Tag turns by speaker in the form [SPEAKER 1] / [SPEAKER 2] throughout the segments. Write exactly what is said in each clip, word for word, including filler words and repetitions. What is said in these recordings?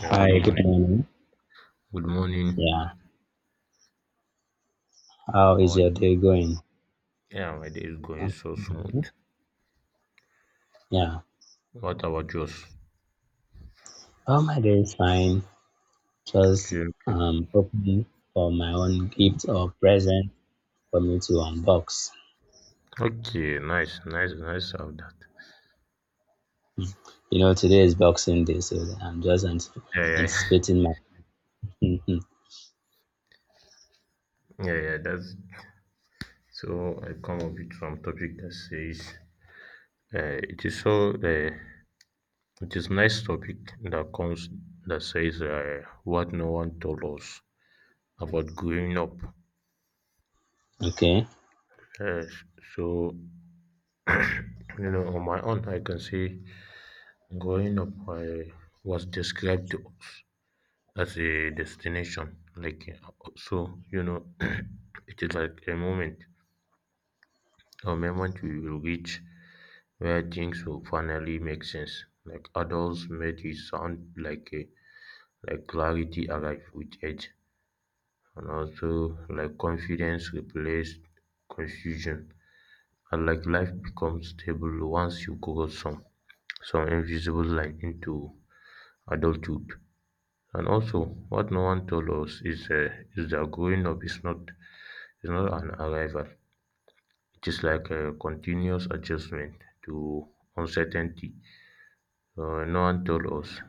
[SPEAKER 1] Yeah, good
[SPEAKER 2] good
[SPEAKER 1] morning.
[SPEAKER 2] morning.
[SPEAKER 1] Good morning.
[SPEAKER 2] Yeah, how
[SPEAKER 1] How
[SPEAKER 2] is
[SPEAKER 1] are you?
[SPEAKER 2] your day going?
[SPEAKER 1] Yeah, my day is going
[SPEAKER 2] Um,
[SPEAKER 1] so smooth.
[SPEAKER 2] Yeah,
[SPEAKER 1] What about yours?
[SPEAKER 2] oh, my day is fine. Just
[SPEAKER 1] Okay, okay.
[SPEAKER 2] um opening for my own gift or present for me to unbox.
[SPEAKER 1] Okay, nice, nice, nice of that.
[SPEAKER 2] You know, today is Boxing Day, so I'm just ant-
[SPEAKER 1] Yeah, yeah,
[SPEAKER 2] anticipating my.
[SPEAKER 1] yeah, yeah. That's so. I come up with some topic that says, uh, it is so. Uh, it is nice topic that comes that says uh, what no one told us about growing up.
[SPEAKER 2] Okay,
[SPEAKER 1] Yes, so you know, on my own, I can say growing up I was described to us as a destination. Like uh, so, you know, it is like a moment, a moment we will reach where things will finally make sense. Like adults made it sound like a like clarity arrived with age, and also like confidence replaced confusion, and like life becomes stable once you cross some some invisible line into adulthood. And also, what no one told us is uh, is that growing up is not It's not an arrival. It is like a continuous adjustment to uncertainty. Uh, no one told us.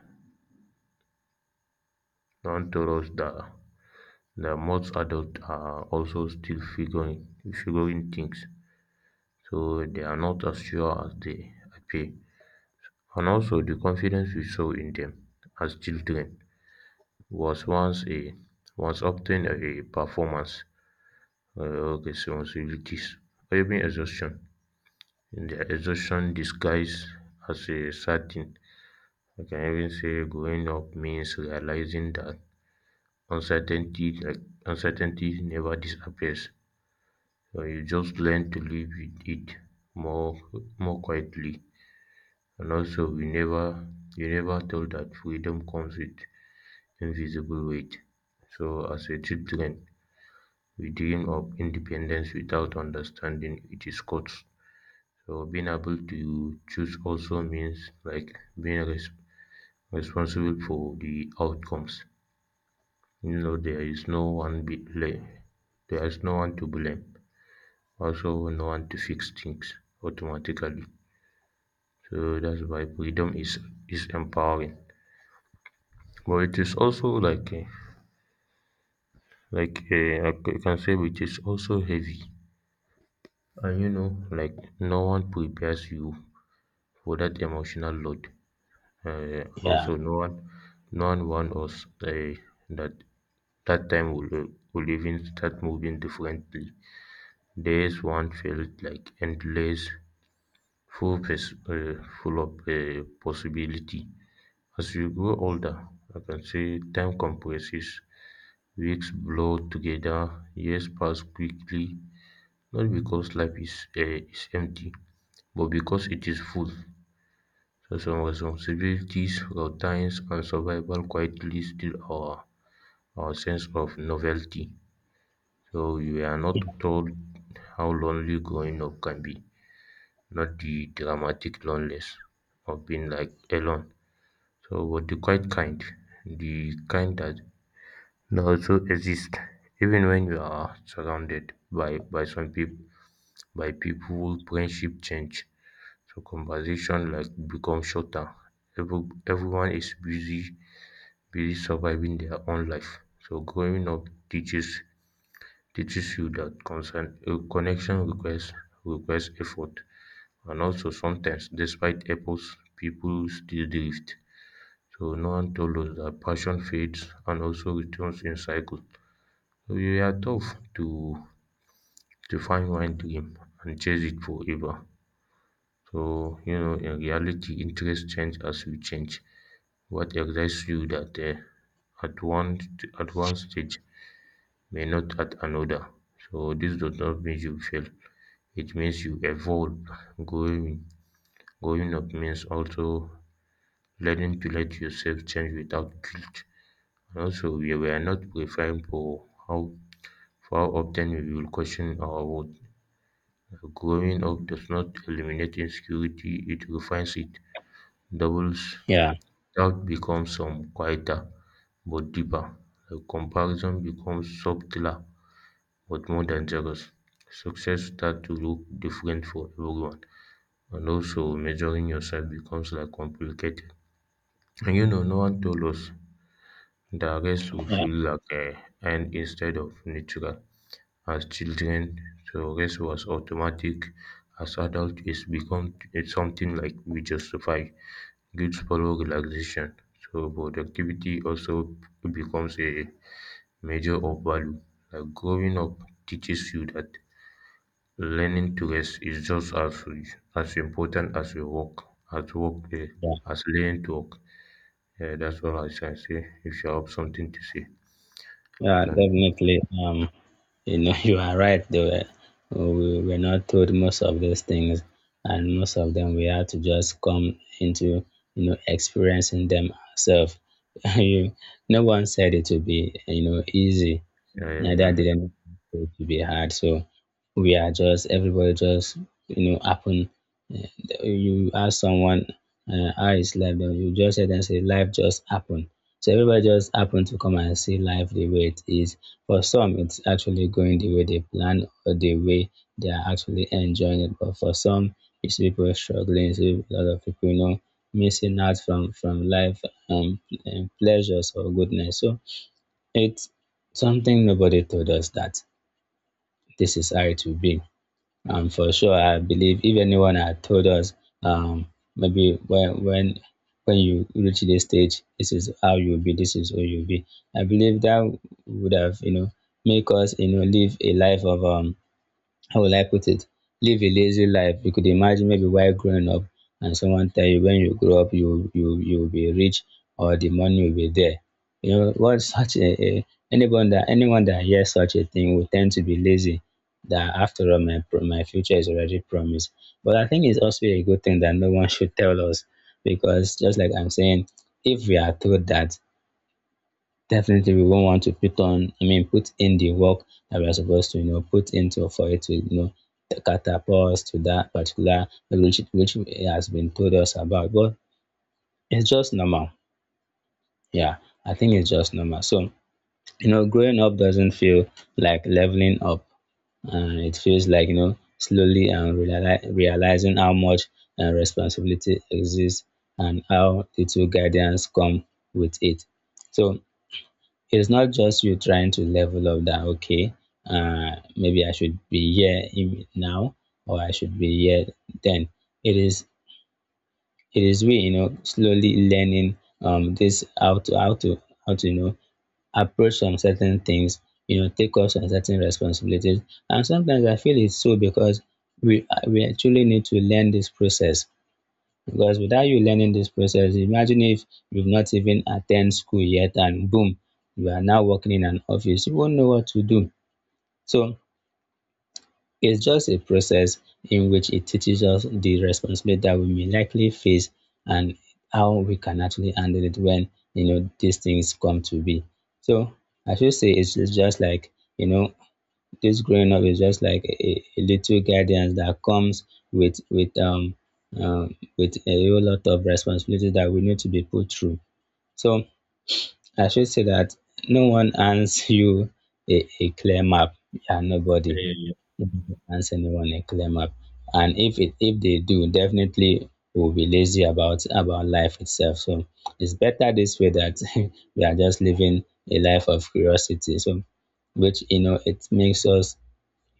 [SPEAKER 1] No one told us that that most adults are also still figuring figuring things, so they are not as sure as they appear. And also, the confidence we saw in them as children was once a was often a performance, uh, responsibilities, or even exhaustion. In their exhaustion disguised as a certain I can even say growing up means realizing that uncertainty like uncertainty never disappears. So you just learn to live with it more more quietly. And also we never you never thought that freedom comes with invisible weight. So as a children, we dream of independence without understanding it is cost. So being able to choose also means like being res- responsible for the outcomes. You know, there is no one be blame. There is no one to blame. Also, no one to fix things automatically. So that's why freedom is is empowering. But it is also like a, like a, I c- can say it is also heavy. And you know, like no one prepares you for that emotional load. Uh, and
[SPEAKER 2] yeah,
[SPEAKER 1] also, no one, no one warned us uh, that that time will will even start moving differently. Days once felt like endless, full pers- uh, full of uh, possibility. As you grow older, I can say time compresses, weeks blow together, years pass quickly, not because life is, uh, is empty, but because it is full. So some responsibilities, routines, and survival quietly steal our, our sense of novelty. So we are not told how lonely growing up can be. Not the dramatic loneliness of being like alone. So, but the quiet kind, the kind that, that also exists even when you are surrounded by by some people, by people, friendship change. So conversation like become shorter. Every, everyone is busy, busy surviving their own life. So growing up teaches teaches you that concern, uh, connection requires requires effort. And also sometimes, despite efforts, people still drift. So no one told us that passion fades and also returns in cycles. We are tough to to find one dream and chase it forever. So you know, in reality, interests change as we change. What excites you that uh, at one at one stage may not at another. So this does not mean you fail. It means you evolve. Growing growing up means also learning to let yourself change without guilt. And also, we were not prepared for how, for how often we will question our worth. Growing up does not eliminate insecurity, it refines it. Doubles
[SPEAKER 2] yeah,
[SPEAKER 1] doubt becomes some quieter but deeper. The comparison becomes subtler but more dangerous. Success starts to look different for everyone, and also measuring yourself becomes like complicated. And you know, no one told us the rest would
[SPEAKER 2] yeah,
[SPEAKER 1] feel like a earned instead of natural. As children, so rest was automatic; as adults, it's become it's something like we justify. Guilt follows relaxation, so productivity also becomes a measure of value. Like growing up teaches you that learning to rest is just as as important as your work as work eh,
[SPEAKER 2] yeah,
[SPEAKER 1] as learning to work. Yeah, that's all I can say. If you have something to say, you
[SPEAKER 2] yeah,
[SPEAKER 1] can.
[SPEAKER 2] definitely. Um, You know, you are right. They were, we were not told most of those things, and most of them we had to just come into, you know, experiencing them ourselves. You, no one said it would be, you know, easy,
[SPEAKER 1] Yeah, yeah,
[SPEAKER 2] neither
[SPEAKER 1] yeah,
[SPEAKER 2] did anything to be hard. So we are just everybody just you know happen. eh, You ask someone, uh, how is life, then you just hear them say life just happened. So everybody just happened to come and see life the way it is. For some, it's actually going the way they plan, or the way they are actually enjoying it. But for some, it's people struggling. It's a lot of people, you know, missing out from from life um, and pleasures or goodness. So it's something nobody told us that this is how it will be. And for sure, I believe if anyone had told us, um, maybe when when when you reach this stage, this is how you'll be, this is who you'll be. I believe that would have, you know make us, you know live a life of, um how will I put it? Live a lazy life. You could imagine, maybe while growing up and someone tell you when you grow up you you you'll be rich or the money will be there. You know what, such a, a anyone that anyone that hears such a thing will tend to be lazy, that after all my pro- my future is already promised. But I think it's also a good thing that no one should tell us, because just like I'm saying, if we are told that, definitely we won't want to put on I mean put in the work that we are supposed to, you know, put into, for it to, you know, catapult us to that particular, which which it has been told us about. But it's just normal. Yeah, I think it's just normal. So you know, growing up doesn't feel like leveling up, and it feels like, you know, slowly and reali- realizing how much uh, responsibility exists and how little guidance come with it. So it's not just you trying to level up, that okay, uh maybe I should be here, im- now, or I should be here. Then it is it is we, you know, slowly learning, um this, how to how to how to you know, approach some certain things, you know, take up some certain responsibilities. And sometimes I feel it's so because we uh, we actually need to learn this process, because without you learning this process, imagine if you've not even attended school yet and boom, you are now working in an office, you won't know what to do. So it's just a process in which it teaches us the responsibility that we may likely face, and how we can actually handle it when, you know, these things come to be. So I should say it's just like, you know, kids growing up is just like a, a little guidance that comes with with um, um with a whole lot of responsibilities that we need to be put through. So I should say that no one hands you a, a clear map. Yeah, nobody
[SPEAKER 1] yeah.
[SPEAKER 2] hands anyone a clear map. And if it if they do, definitely we'll be lazy about about life itself. So it's better this way, that we are just living a life of curiosity. So which, you know, it makes us,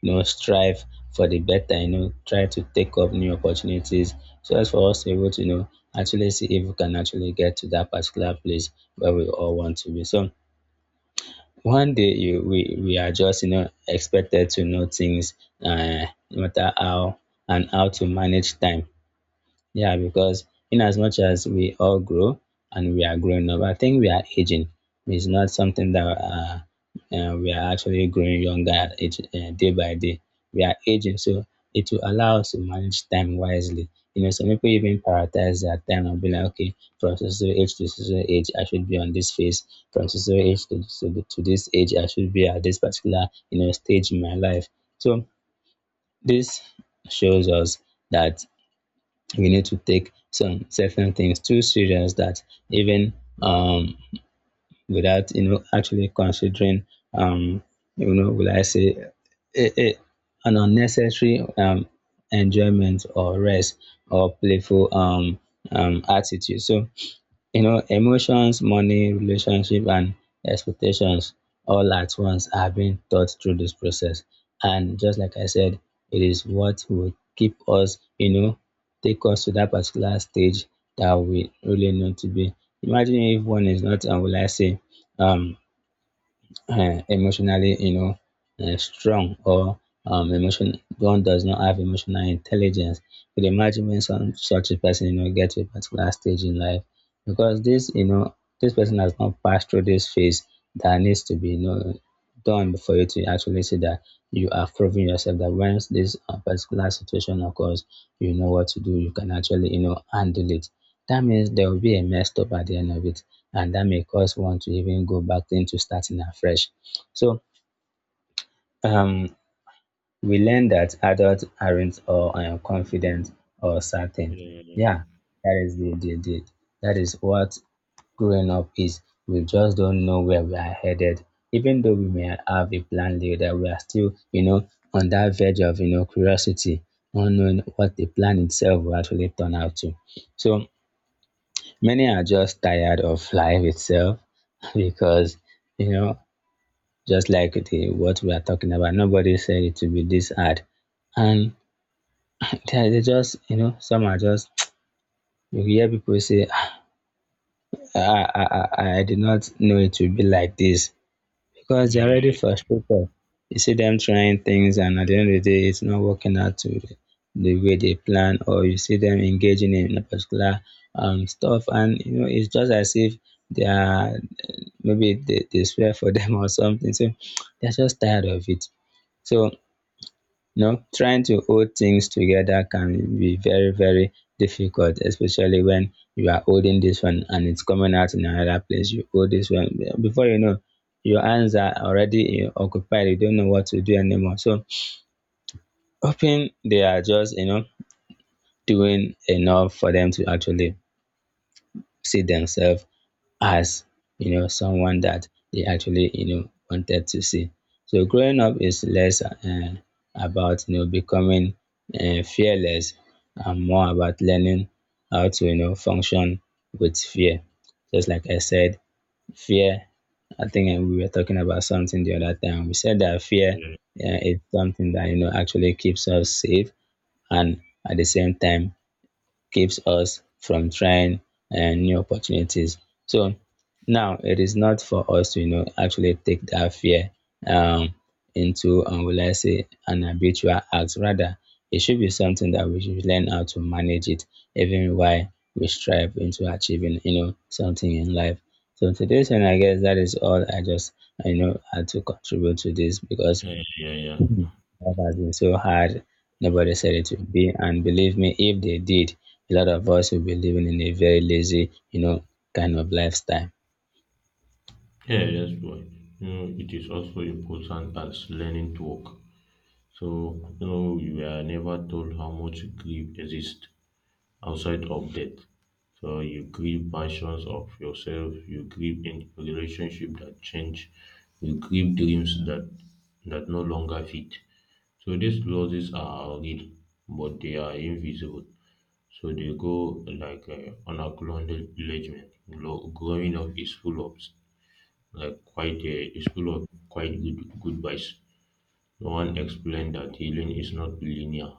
[SPEAKER 2] you know, strive for the better, you know, try to take up new opportunities, so as for us to be able to, you know, actually see if we can actually get to that particular place where we all want to be. So one day you, we, we are just, you know, expected to know things, uh, no matter how, and how to manage time. Yeah, because in as much as we all grow and we are growing up, I think we are aging. It's not something that uh, uh, we are actually growing younger at age, uh, day by day. We are aging, so it will allow us to manage time wisely. You know, some people even prioritize their time and be like, okay, from so so age to so so age, I should be on this phase. From so so age to, to, to this age, I should be at this particular, you know, stage in my life. So this shows us that we need to take some certain things too serious, that even, um, without, you know, actually considering, um, you know, will I say eh, eh, an unnecessary um, enjoyment or rest or playful um, um, attitude. So you know, emotions, money, relationship and expectations all at once are being taught through this process. And just like I said, it is what will keep us, you know, take us to that particular stage that we really know to be. Imagine if one is not, and will I say um uh, emotionally, you know, uh, strong, or um, emotion one does not have emotional intelligence. You could imagine when some such a person, you know, get to a particular stage in life, because this, you know, this person has not passed through this phase that needs to be, you know, done before you, to actually see that you are proving yourself, that once this uh, particular situation occurs, you know what to do, you can actually, you know, handle it. That means there will be a messed up at the end of it, and that may cause one to even go back into starting afresh. So um, we learn that adults aren't, or uh, confident or certain.
[SPEAKER 1] Yeah, yeah,
[SPEAKER 2] Yeah, that is the, the, the that is what growing up is. We just don't know where we are headed. Even though we may have a plan later, we are still, you know, on that verge of, you know, curiosity, not knowing what the plan itself will actually turn out to. So many are just tired of life itself, because, you know, just like the what we are talking about, nobody said it to be this hard. And they are- they just, you know, some are just, you hear people say, "Ah, I, I, I, I did not know it would be like this," because
[SPEAKER 1] yeah, yeah,
[SPEAKER 2] they're
[SPEAKER 1] yeah,
[SPEAKER 2] already frustrated. You see them trying things, and at the end of the day, it's not working out to the, the way they plan, or you see them engaging in a particular um, stuff, and you know, it's just as if they are, maybe they, they swear for them or something. So they're just tired of it. So, you know, trying to hold things together can be very, very difficult, especially when you are holding this one and it's coming out in another place. You hold this one, before you know, your hands are already uh, occupied, you don't know what to do anymore. So hoping they are just, you know, doing enough for them to actually see themselves as, you know, someone that they actually, you know, wanted to see. So growing up is less uh, about, you know, becoming uh, fearless, and more about learning how to, you know, function with fear. Just like I said, fear. I think, uh, we were talking about something the other time. We said that fear, uh, is something that, you know, actually keeps us safe, and at the same time keeps us from trying and new opportunities. So now it is not for us to, you know, actually take that fear um, into, um, will I say, an habitual act. Rather, it should be something that we should learn how to manage it, even while we strive into achieving, you know, something in life. So today's one, I guess that is all I just, I know, had to contribute to this, because
[SPEAKER 1] yeah, yeah, yeah.
[SPEAKER 2] life has been so hard. Nobody said it would be. And believe me, if they did, a lot of us would be living in a very lazy, you know, kind of lifestyle.
[SPEAKER 1] Yeah, yes, boy. You know, it is also important as learning to walk. So, you know, you are never told how much grief exists outside of death. So you grieve versions of yourself, you grieve in relationship that change, you grieve dreams that that no longer fit. So these losses are real, but they are invisible. So they go like uh, on a colonial engagement. Glo- Growing up is full of like quite uh, is full of quite good good vibes. No one explained that healing is not linear.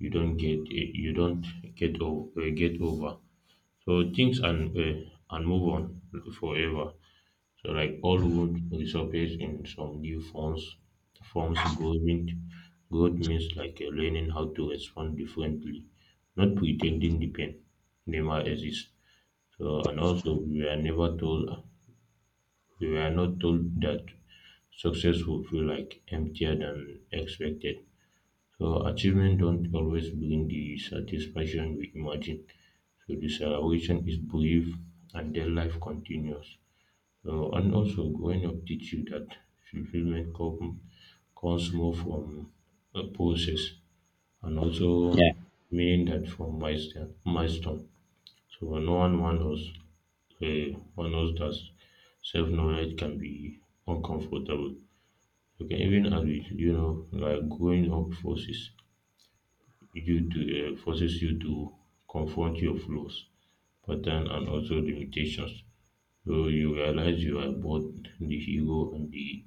[SPEAKER 1] You don't get uh, you don't get over uh, get over. So things and uh, and move on forever. So, like all would resurface in some new forms. Forms growing growth means like you're learning how to respond differently, not pretending the pain never exists. So, and also we are never told we were not told that success will feel like emptier than expected. So achievement don't always bring the satisfaction we imagine. So the celebration is brief and then life continues. Uh, and also growing up teach you that fulfillment come, comes more from a process and also
[SPEAKER 2] Yeah,
[SPEAKER 1] meaning that from milestone. milestone. So no one wants us, uh, wants us that self-knowledge can be uncomfortable. You can even as it, you know, like growing up forces you to uh, forces you to confront your flaws, pattern, and also limitations. So you realize you are both the hero and the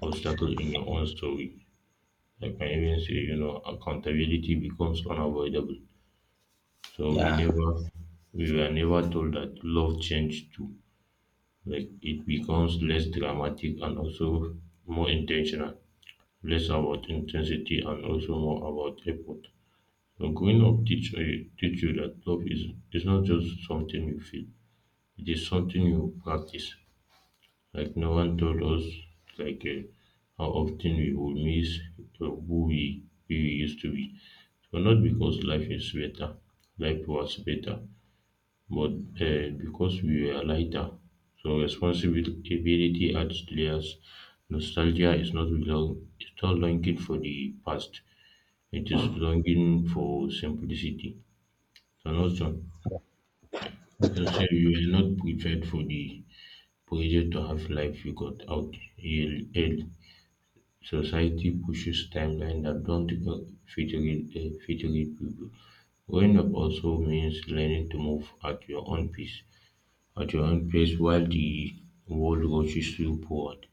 [SPEAKER 1] obstacle in your own story. I can even say, you know, accountability becomes unavoidable. So we
[SPEAKER 2] yeah,
[SPEAKER 1] never, we were never told that love changed too. Like it becomes less dramatic and also more intentional, less about intensity and also more about effort. So growing up teach, eh, teach you that love is, is not just something you feel, it is something you practice. Like no one told us like uh, how often we would miss uh, who we, we used to be. So not because life is better, life was better, but uh, because we were lighter. So responsibility adds layers. Nostalgia is not long, it's not longing for the past. It is longing for simplicity. And also, you can say you were not prepared for the pressure to have life you got out early. Society pushes timelines that don't fit real eh, fit real people. Growing up also means learning to move at your own pace, at your own pace while the world rushes you forward.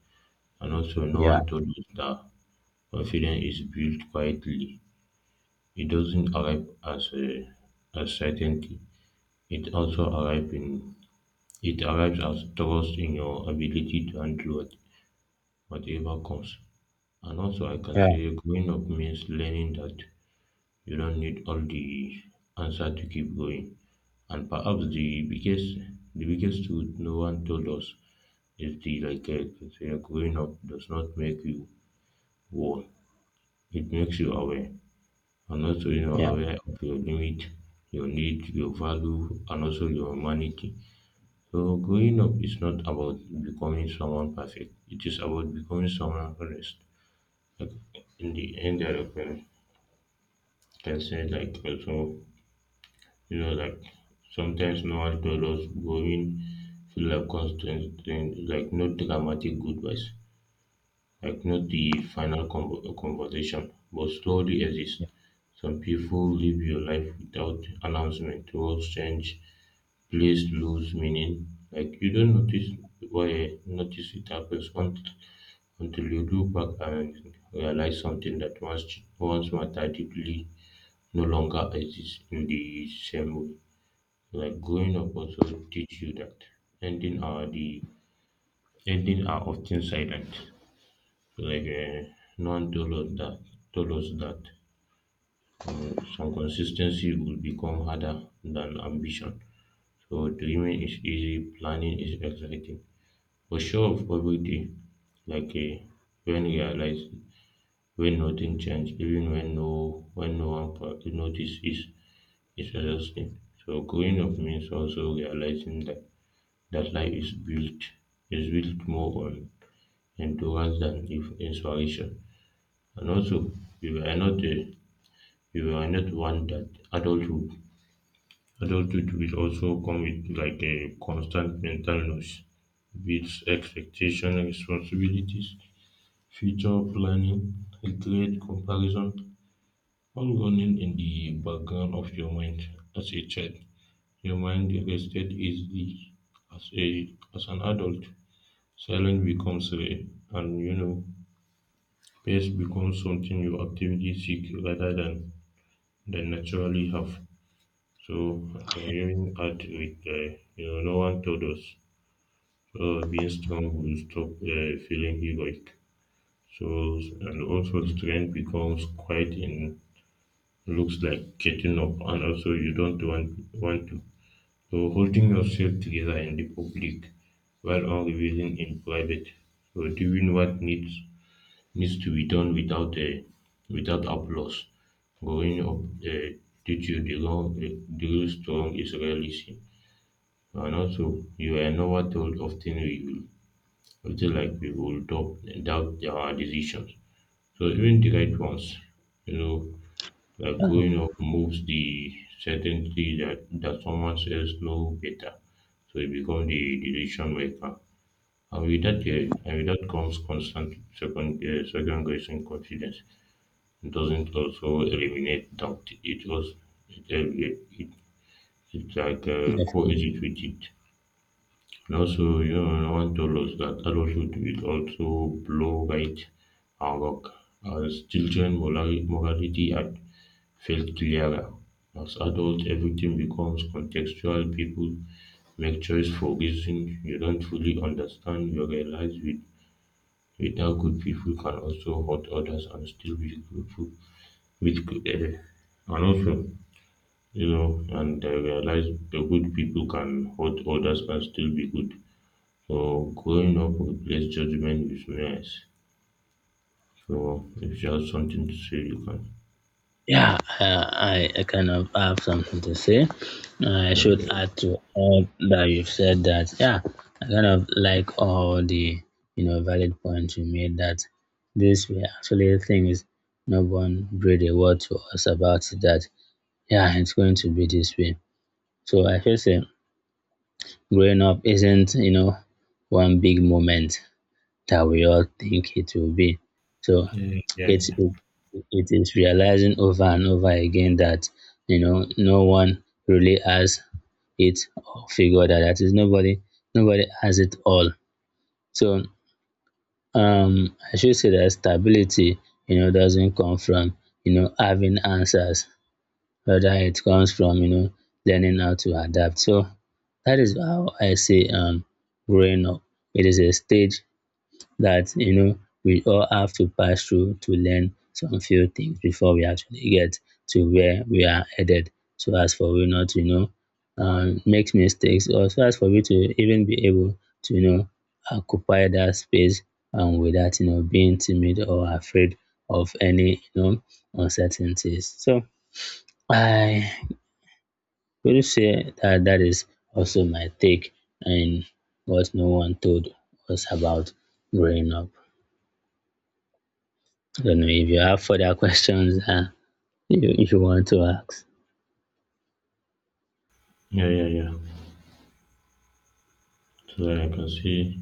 [SPEAKER 1] And also, no
[SPEAKER 2] yeah,
[SPEAKER 1] one told us that confidence is built quietly. It doesn't arrive as a as certainty. It also arrives in it arrives as trust in your ability to handle what- whatever comes. And also, I can
[SPEAKER 2] yeah,
[SPEAKER 1] say growing up means learning that you don't need all the answer to keep going. And perhaps the biggest the biggest truth no one told us is the like uh, growing up does not make you whole. It makes you aware. And also you know
[SPEAKER 2] yeah.
[SPEAKER 1] aware of your limit, your need, your value and also your humanity. So growing up is not about becoming someone perfect. It is about becoming someone honest. Like in the end I can say like also you know, like sometimes normal failures going feel like constant, then like not dramatic goodbyes, like not the final convo- conversation, but slowly exist. Some people live your life without announcement, roles change, place lose meaning. Like you don't notice why notice it happens until, until you look back and realize something that once once mattered deeply no longer exists in the same way. Like growing up also teach you that ending are the ending are often silent. Like uh, no one told us that told us that um, some consistency will become harder than ambition. So dreaming is easy, planning is exciting. For sure of every day, like uh, when you realize when nothing changed, even when no when no one pa- notice is is exhausting. So growing up means also realizing that That line is built is built more on endurance than if inspiration. And also, we were not a, we were not one that adulthood adulthood will also come with like a constant mental noise, with expectation, responsibilities, future planning, regret, comparison, all running in the background of your mind as a child. Your mind rested easily as a as an adult. Silence becomes rare, and you know, pace becomes something you actively seek rather than, than naturally have. So I can even add with uh, you know no one told us so being strong will stop uh, feeling heroic. So and also strength becomes quite in looks like getting up and also you don't want want to. So holding yourself together in the public while on revealing in private. So doing what needs needs to be done without uh, without applause. Growing up uh, teach you the long, uh, the real strong is reality. And also, you are never told often we will, it's like we will doubt, doubt our decisions. So even the right ones, you know, like
[SPEAKER 2] Oh,
[SPEAKER 1] growing up moves the certainty that, that someone else know better. So you become the decision maker. And with that, uh, and with that comes constant second, uh, second guessing confidence doesn't also eliminate doubt, it was it, uh, it, it it's like uh,
[SPEAKER 2] yes.
[SPEAKER 1] coexist with it. And also, you know, no one told us that adulthood will also blow right and rock. As children, morali- morality had felt clearer. As adults, everything becomes contextual. People make choice for reasons you don't fully understand. You realize with, with how good people can also hurt others and still be grateful with good. Uh, and also, you know, and I realized the good people can hurt others and still be good. So growing up replace judgment with nuance. So if you have something to say, you can.
[SPEAKER 2] Yeah, uh, I, I kind of have something to say. I
[SPEAKER 1] Thank
[SPEAKER 2] should
[SPEAKER 1] you.
[SPEAKER 2] add to all that you've said, that yeah, I kind of like all the, you know, valid points you made, that these were actually things no one really a word to us about, that yeah, it's going to be this way. So I feel say growing up isn't, you know, one big moment that we all think it will be. So
[SPEAKER 1] Yeah, yeah,
[SPEAKER 2] it's
[SPEAKER 1] yeah.
[SPEAKER 2] it, it is realizing over and over again that you know no one really has it or figured out. That is nobody nobody has it all. So um I should say that stability, you know, doesn't come from you know having answers whether it comes from you know learning how to adapt. So that is how I see um growing up. It is a stage that you know we all have to pass through to learn some few things before we actually get to where we are headed. So as for we not you know um, make mistakes, or so as for we to even be able to you know occupy that space and without you know being timid or afraid of any you know uncertainties. So I Will you say that that is also my take and what no one told us about growing up. I don't know if you have further questions uh, you, if you want to ask.
[SPEAKER 1] Yeah, yeah, yeah. So that I can see,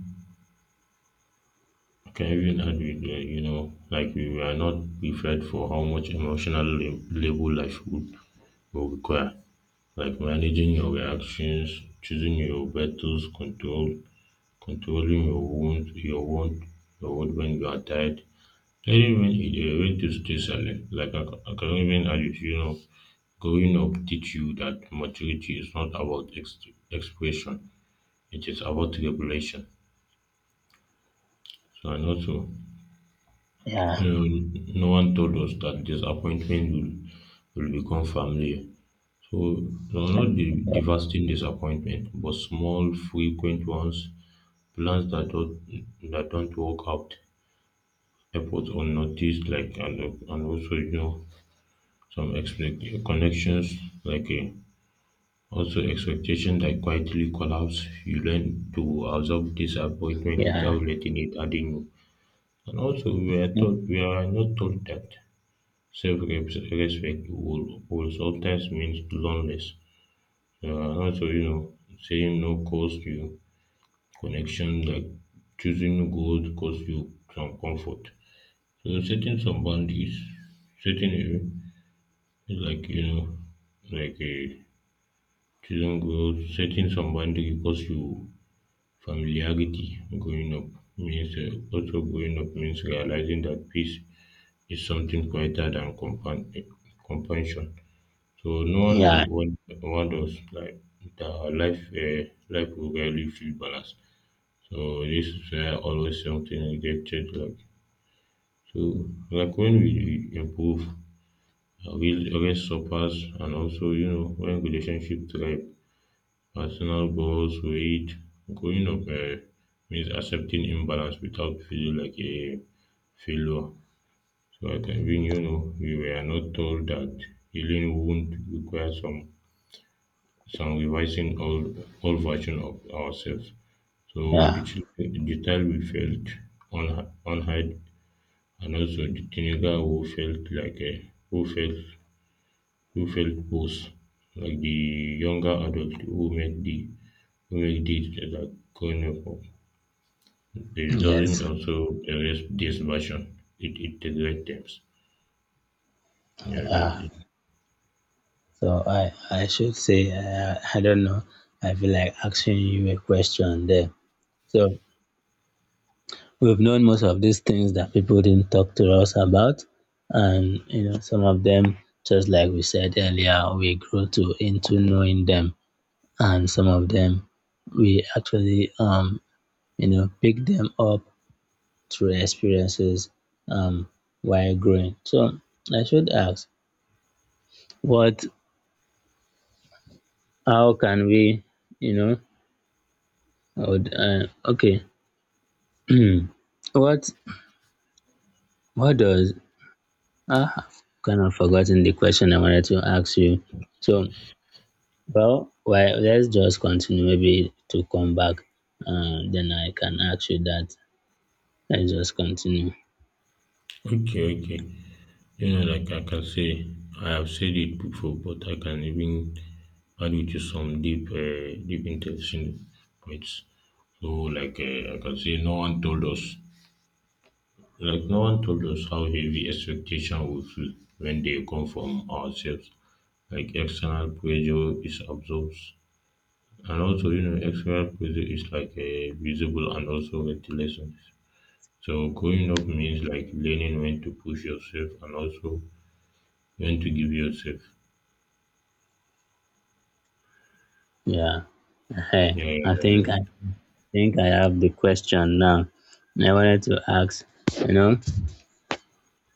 [SPEAKER 1] I can even add with, uh, you know, like we were not prepared for how much emotional lab- labor life would will require. Like managing your reactions, choosing your battles, control controlling your wound your wound your wound when you are tired. Even when e dey when to stay silent like academic adult you know. Growing up teach you that maturity is not about ex expression, it is about regulation. So and also
[SPEAKER 2] Yeah,
[SPEAKER 1] um no one told us that disappointment will will become familiar. So no, not the devastating disappointment but small frequent ones, plans that don't that don't work out airports unnoticed like and, and also you know some expect connections like uh, also expectation that quietly collapse. You learn to absorb disappointment
[SPEAKER 2] yeah,
[SPEAKER 1] without letting it harden you, and also we are taught we are not taught that self-respect will, will sometimes means loneliness, uh, and also you know saying no cost you connection, like choosing good cost you some comfort. So setting some boundaries setting. Like, you know, like uh, Children grow setting some boundary because you familiarity. Growing up means uh, also growing up means realizing that peace is something quieter than compan- eh, compansion. So no one will
[SPEAKER 2] yeah,
[SPEAKER 1] want, want us like that our life uh, life will rarely feel balanced. So this is where always something rejected, like so like when we improve, uh, we rest suffers, and also you know when relationship thrive. Personal goals, weight, growing up um means accepting imbalance without feeling like a failure. So I can even you know we were not told that healing wound requires some some revising old old version of ourselves. So the
[SPEAKER 2] yeah,
[SPEAKER 1] children, the child we felt unha- unheard, and also the teenager who felt like a who felt who felt both like the younger adult who make the who make this like grown up. It doesn't
[SPEAKER 2] yes,
[SPEAKER 1] also erase this version. It integrates them. Yeah, that's
[SPEAKER 2] yeah.
[SPEAKER 1] it.
[SPEAKER 2] So I, I should say, uh, I don't know. I feel like asking you a question there. So we've known most of these things that people didn't talk to us about. And you know, some of them, just like we said earlier, we grew to into knowing them, and some of them we actually um you know pick them up through experiences um while growing. So I should ask, what how can we you know I would, uh, okay what what does Ah, I've kind of forgotten the question I wanted to ask you. So, well, why let's just continue. Maybe to come back, uh, then I can ask you that. Let's just continue.
[SPEAKER 1] Okay, okay. You know, like I can say, I have said it before, but I can even add it to some deep, uh, deep interesting points. So, like uh, I can say, no one told us, like no one told us how heavy expectation will feel when they come from ourselves. Like external pressure is absorbed. And also, you know, external pressure is like a visible and also ventilation. So growing up means like learning when to push yourself and also when to give yourself.
[SPEAKER 2] Yeah. Hey,
[SPEAKER 1] Yeah, yeah,
[SPEAKER 2] I
[SPEAKER 1] yeah,
[SPEAKER 2] think I think I have the question now. I wanted to ask, you know,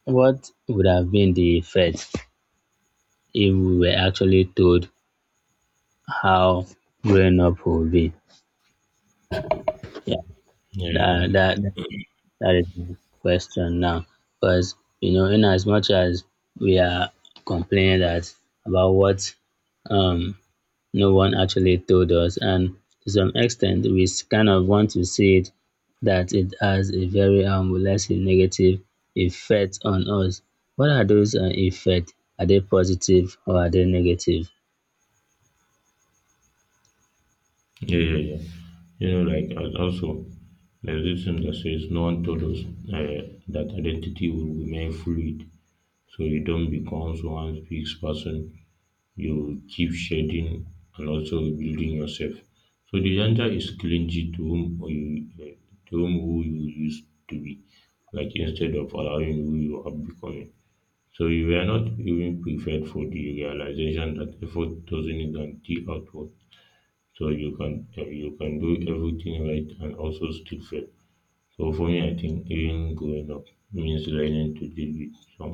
[SPEAKER 2] what would have been the effect if we were actually told how growing up will be? Yeah,
[SPEAKER 1] yeah, yeah, yeah,
[SPEAKER 2] that
[SPEAKER 1] yeah.
[SPEAKER 2] that That is my question now. Because, you know, in as much as we are complaining that about what um, no one actually told us, and to some extent, we s- kind of want to see it that it has a very, um, let's say, negative effect on us. What are those uh, effects? Are they positive or are they negative?
[SPEAKER 1] Yeah, yeah, yeah. You know, like and also there's this thing that says no one told us uh, that identity will remain fluid. So you don't become one's fixed person, you keep shading and also building yourself. So the gender is clingy to whom you to whom who you used to be, like instead of allowing who you are becoming. So you were not even prepared for the realization that effort doesn't guarantee output. So you can uh, you can do everything right and also still fail. So for me, I think even growing up means learning to deal with some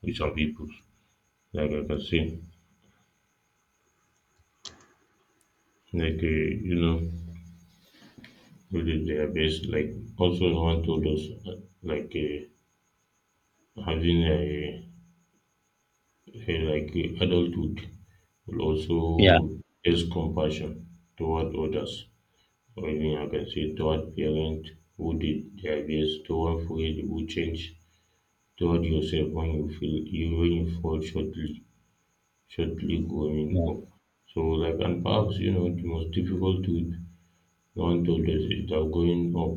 [SPEAKER 1] with some people. Like I can say, like uh, you know, with their best like also known to those like uh, having a, a like uh, adulthood will also
[SPEAKER 2] Yeah,
[SPEAKER 1] is compassion toward others, or even I can say toward parents who did their best, toward friend who change, toward yourself when you feel you when you fall shortly shortly growing
[SPEAKER 2] yeah,
[SPEAKER 1] up. So like and perhaps you know the most difficult truth no one told us is that growing up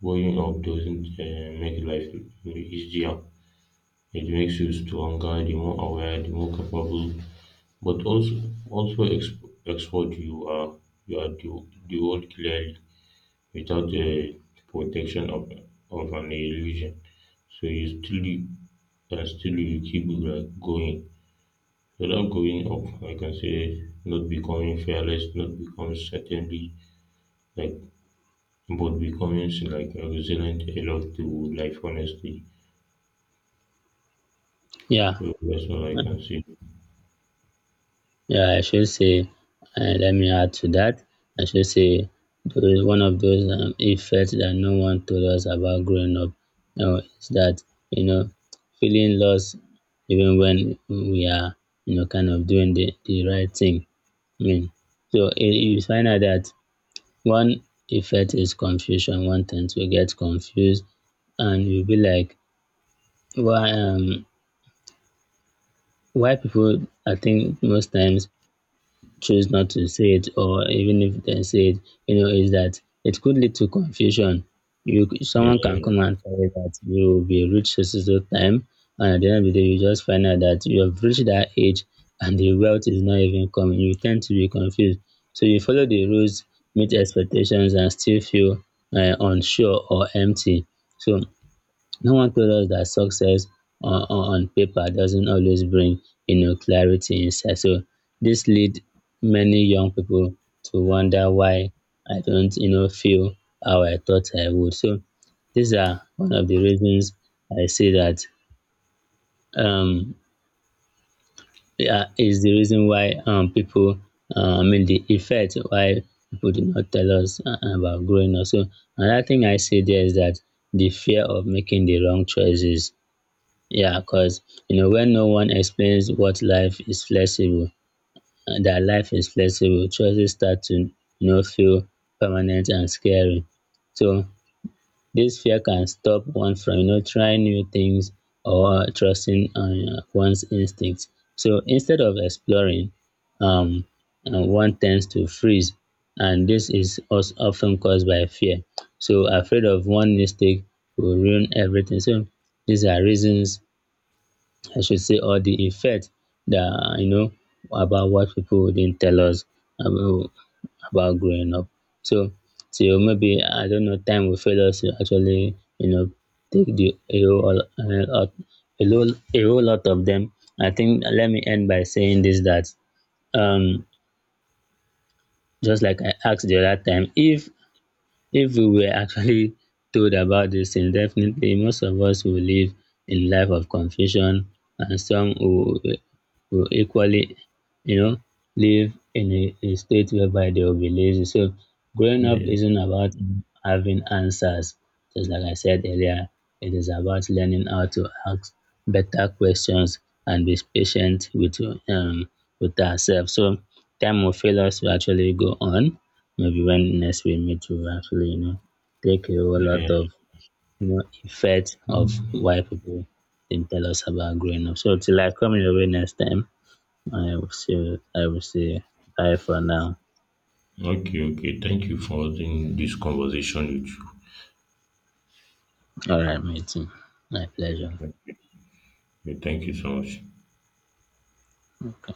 [SPEAKER 1] growing up doesn't uh, make life easier. It makes you stronger, the more aware, the more capable, but also also exp- export you are you are the, the world clearly without the protection of of an illusion. So you still, and still you keep like going. Without going up, I can say not becoming fearless, not becoming certainly, like, but becoming like resilient a lot to life honestly.
[SPEAKER 2] yeah.
[SPEAKER 1] So that's all I can say.
[SPEAKER 2] Yeah, I should say, uh, let me add to that. I should say, those- one of those um, effects that no one told us about growing up Now is that, you know, feeling lost even when we are, you know, kind of doing the, the right thing. I mean, so it, you find out that one effect is confusion. One tends to get confused, and you'll be like, why, um, why people, I think most times choose not to say it or even if they say it, you know, is that it could lead to confusion. You c-
[SPEAKER 1] Yeah,
[SPEAKER 2] someone can
[SPEAKER 1] yeah,
[SPEAKER 2] come and tell you that you will be rich so so so time, and at the end of the day, you just find out that you have reached that age and the wealth is not even coming. You tend to be confused. So you follow the rules, meet expectations, and still feel uh, unsure or empty. So no one told us that success on, on on paper doesn't always bring, you know, clarity inside. So this lead many young people to wonder why I don't, you know, feel how I thought I would. So these are one of the reasons I say that um, yeah, is the reason why um, people, uh, I mean, the effect why people do not tell us uh, about growing up. So another thing I say there is that the fear of making the wrong choices yeah, because you know when no one explains what life is flexible, uh, that life is flexible, choices start to you know feel permanent and scary. So this fear can stop one from you know trying new things or trusting on uh, one's instincts. So instead of exploring, um, uh, one tends to freeze, and this is also often caused by fear. So afraid of one mistake will ruin everything. So these are reasons I should say, or the effect that you know about what people wouldn't tell us about, about growing up. So, so maybe I don't know, time will fail us to actually you know take the a whole, uh, a whole a whole lot of them. I think let me end by saying this that um just like I asked the other time, if if we were actually told about this things, definitely most of us will live in life of confusion and some will, will equally, you know, live in a, a state whereby they will be lazy. So growing up
[SPEAKER 1] yeah,
[SPEAKER 2] isn't about having answers. Just like I said earlier, it is about learning how to ask better questions and be patient with um with ourselves. So time will fail us to actually go on maybe when next we meet to actually, you know, take a whole
[SPEAKER 1] yeah, yeah.
[SPEAKER 2] lot of you know effect of
[SPEAKER 1] Mm.
[SPEAKER 2] why people didn't tell us about growing up. So till I come your way next time, I will say I will say bye for now.
[SPEAKER 1] Okay, okay. Thank you for having this conversation with you.
[SPEAKER 2] All right, mate. My pleasure.
[SPEAKER 1] Yeah, thank you so much.
[SPEAKER 2] Okay.